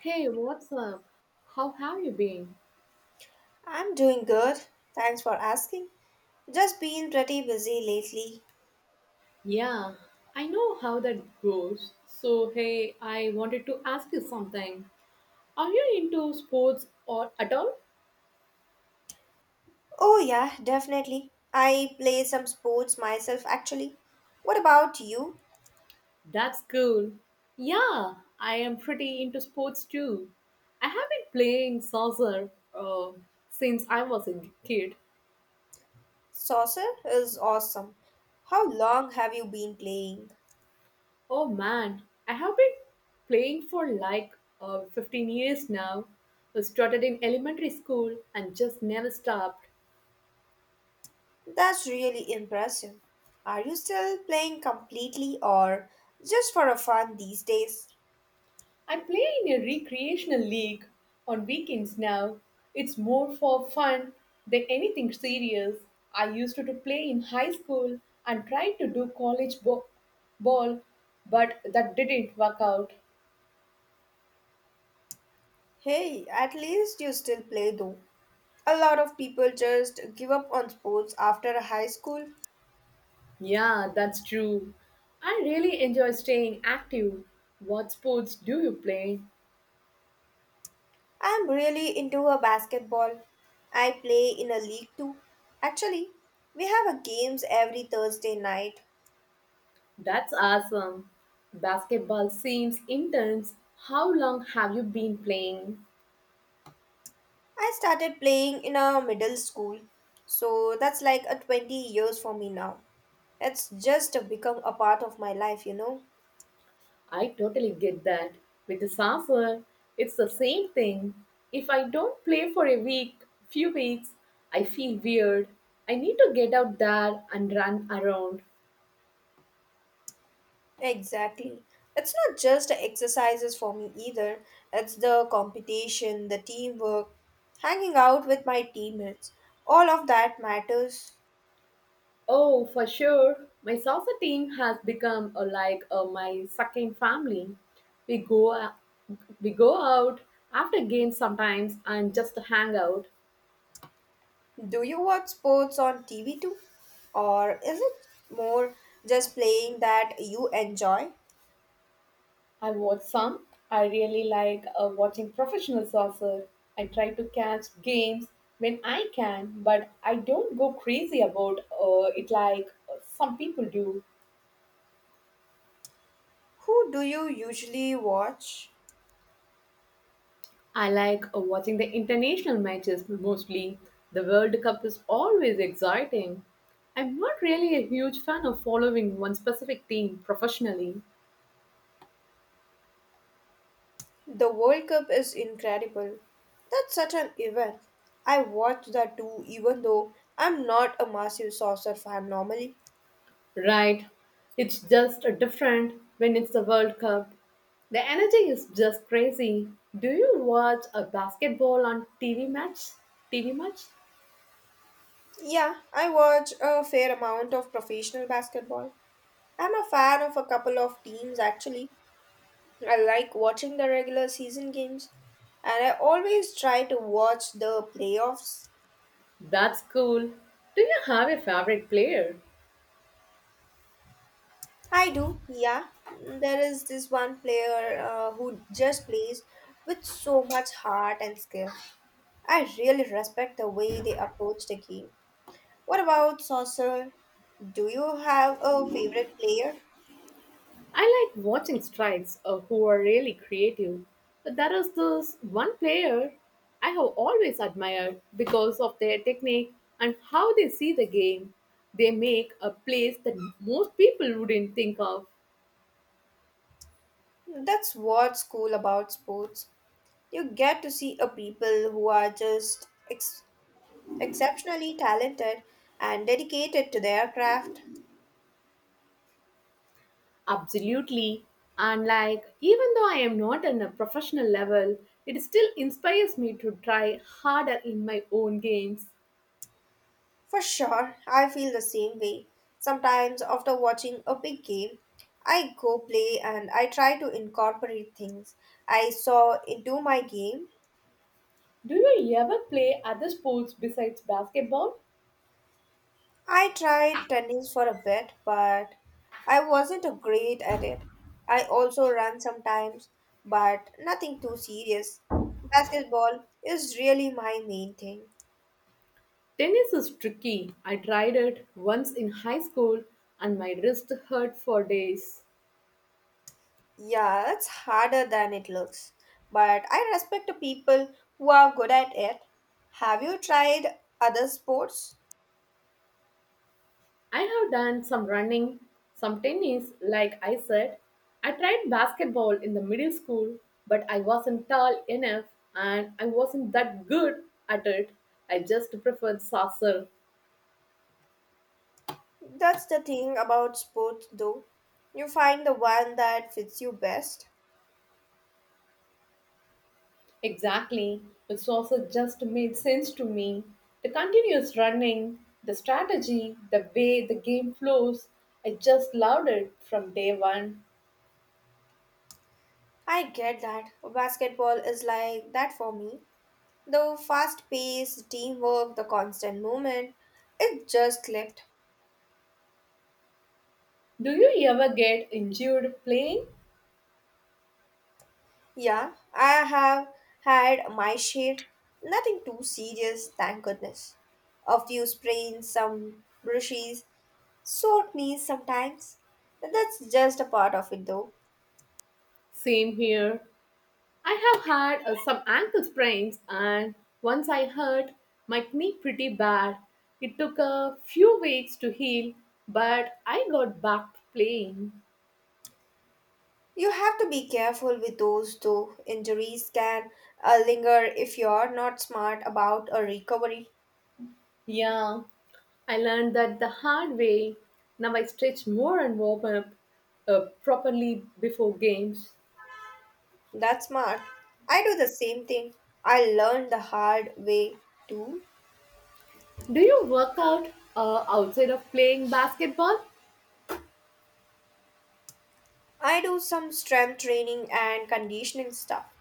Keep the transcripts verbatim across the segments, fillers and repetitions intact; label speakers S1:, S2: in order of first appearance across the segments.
S1: Hey, what's up? How have you been?
S2: I'm doing good. Thanks for asking. Just been pretty busy lately.
S1: Yeah, I know how that goes. So, hey, I wanted to ask you something. Are you into sports or at all?
S2: Oh, yeah, definitely. I play some sports myself, actually. What about you?
S1: That's cool. Yeah, I am pretty into sports too. I have been playing soccer uh, since I was a kid.
S2: Saucer is awesome. How long have you been playing?
S1: Oh man, I have been playing for like uh, fifteen years now. I started in elementary school and just never stopped.
S2: That's really impressive. Are you still playing completely or just for a fun these days?
S1: I play in a recreational league on weekends now. It's more for fun than anything serious. I used to to play in high school and tried to do college bo- ball, but that didn't work out.
S2: Hey, at least you still play though. A lot of people just give up on sports after high school.
S1: Yeah, that's true. I really enjoy staying active. What sports do you play?
S2: I'm really into a basketball. I play in a league too. Actually, we have a games every Thursday night.
S1: That's awesome. Basketball seems intense. How long have you been playing?
S2: I started playing in a middle school, so that's like a twenty years for me now. It's just become a part of my life, you know.
S1: I totally get that. With the software, it's the same thing. If I don't play for a week, few weeks, I feel weird. I need to get out there and run around.
S2: Exactly. It's not just exercises for me either. It's the competition, the teamwork, hanging out with my teammates. All of that matters.
S1: Oh, for sure. My soccer team has become a, like a, my second family. We go, we go out after games sometimes and just hang out.
S2: Do you watch sports on T V too? Or is it more just playing that you enjoy?
S1: I watch some. I really like uh, watching professional soccer. I try to catch games when I can, but I don't go crazy about uh, it like uh, some people do.
S2: Who do you usually watch?
S1: I like uh, watching the international matches mostly. The World Cup is always exciting. I'm not really a huge fan of following one specific team professionally.
S2: The World Cup is incredible. That's such an event. I watched that too, even though I'm not a massive soccer fan normally.
S1: Right. It's just different when it's the World Cup. The energy is just crazy. Do you watch a basketball on T V match? T V match?
S2: Yeah, I watch a fair amount of professional basketball. I'm a fan of a couple of teams actually, I like watching the regular season games, and I always try to watch the playoffs.
S1: That's cool. Do you have a favorite player?
S2: I do, yeah. There is this one player uh, who just plays with so much heart and skill. I really respect the way they approach the game. What about Saucer? Do you have a favorite player?
S1: I like watching strikes uh, who are really creative. But there is this one player I have always admired because of their technique and how they see the game. They make a place that most people wouldn't think of.
S2: That's what's cool about sports. You get to see a people who are just ex- exceptionally talented and dedicated to their craft.
S1: Absolutely. And like, even though I am not on a professional level, it still inspires me to try harder in my own games.
S2: For sure, I feel the same way. Sometimes, after watching a big game, I go play and I try to incorporate things I saw into my game.
S1: Do you ever play other sports besides basketball?
S2: I tried tennis for a bit, but I wasn't a great at it. I also run sometimes, but nothing too serious. Basketball is really my main thing.
S1: Tennis is tricky. I tried it once in high school and my wrist hurt for days.
S2: Yeah, it's harder than it looks. But I respect the people who are good at it. Have you tried other sports?
S1: I have done some running, some tennis, like I said. I tried basketball in the middle school, but I wasn't tall enough and I wasn't that good at it. I just preferred saucer.
S2: That's the thing about sports, though. You find the one that fits you best.
S1: Exactly. The saucer just made sense to me. The continuous running, the strategy, the way the game flows, I just loved it from day one.
S2: I get that. Basketball is like that for me. The fast pace, teamwork, the constant movement, it just clicked.
S1: Do you ever get injured playing?
S2: Yeah, I have had my share. Nothing too serious, thank goodness. A few sprains, some brushes, sore knees sometimes. That's just a part of it though.
S1: Same here. I have had uh, some ankle sprains, and once I hurt my knee pretty bad. It took a few weeks to heal, but I got back to playing.
S2: You have to be careful with those though. Injuries can uh, linger if you're not smart about a recovery.
S1: Yeah, I learned that the hard way. Now I stretch more and warm up uh, properly before games.
S2: That's smart. I do the same thing. I learned the hard way too.
S1: Do you work out uh, outside of playing basketball?
S2: I do some strength training and conditioning stuff.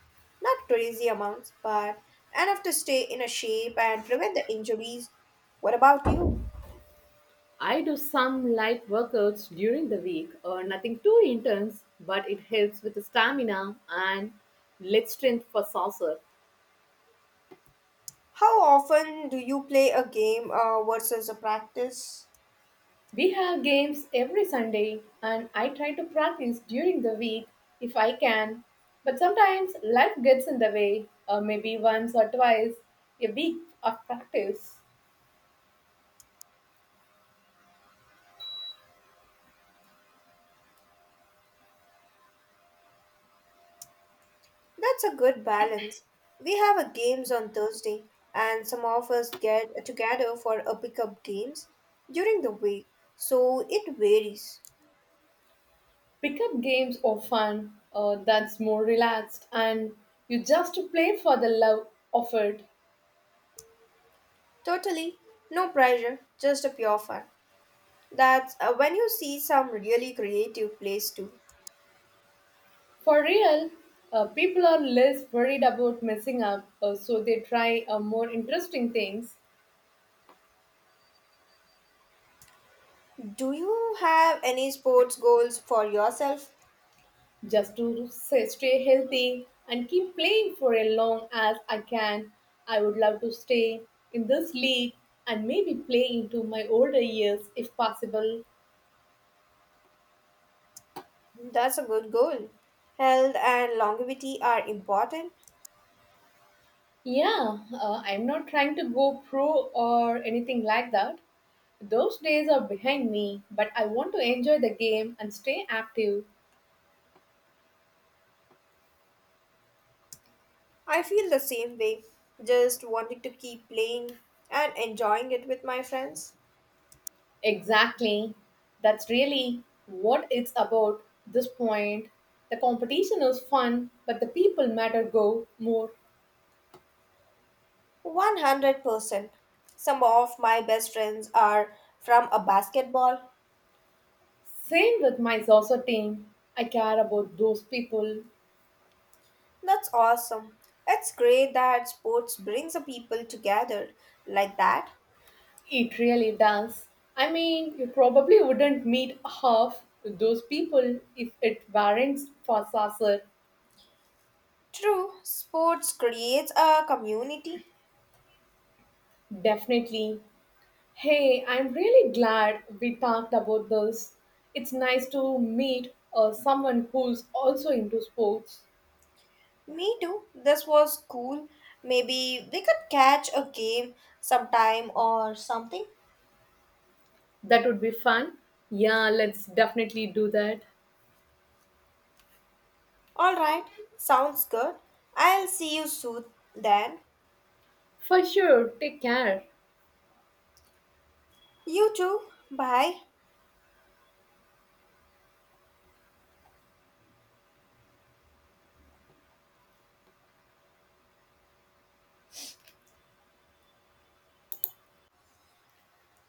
S2: Not crazy amounts, but enough to stay in a shape and prevent the injuries. What about you?
S1: I do some light workouts during the week, uh, nothing too intense, but it helps with the stamina and leg strength for saucer.
S2: How often do you play a game uh, versus a practice?
S1: We have games every Sunday, and I try to practice during the week if I can. But sometimes life gets in the way, uh, maybe once or twice a week of practice.
S2: That's a good balance. We have a games on Thursday, and some of us get together for a pickup games during the week, so it varies.
S1: Pickup games are fun, uh, that's more relaxed, and you just play for the love of it.
S2: Totally, no pressure, just a pure fun. That's uh, when you see some really creative plays too.
S1: For real, uh, people are less worried about messing up, uh, so they try uh, more interesting things
S2: Do you have any sports goals for yourself?
S1: just to say, stay healthy and keep playing for as long as I can. I would love to stay in this league and maybe play into my older years if possible.
S2: That's a good goal. Health and longevity are important.
S1: Yeah, uh, I'm not trying to go pro or anything like that. Those days are behind me, but I want to enjoy the game and stay active.
S2: I feel the same way, just wanting to keep playing and enjoying it with my friends.
S1: Exactly. That's really what it's about this point. The competition is fun, but the people matter go more.
S2: one hundred percent. Some of my best friends are from a basketball.
S1: Same with my Zozo team. I care about those people.
S2: That's awesome. It's great that sports brings the people together like that.
S1: It really does. I mean, you probably wouldn't meet half those people if it weren't for Sasser.
S2: True, sports creates a community.
S1: Definitely. Hey, I'm really glad we talked about this. It's nice to meet uh, someone who's also into sports.
S2: Me too. This was cool. Maybe we could catch a game sometime or something.
S1: That would be fun. Yeah, let's definitely do that.
S2: All right, sounds good. I'll see you soon then.
S1: For sure. Take care.
S2: You too. Bye.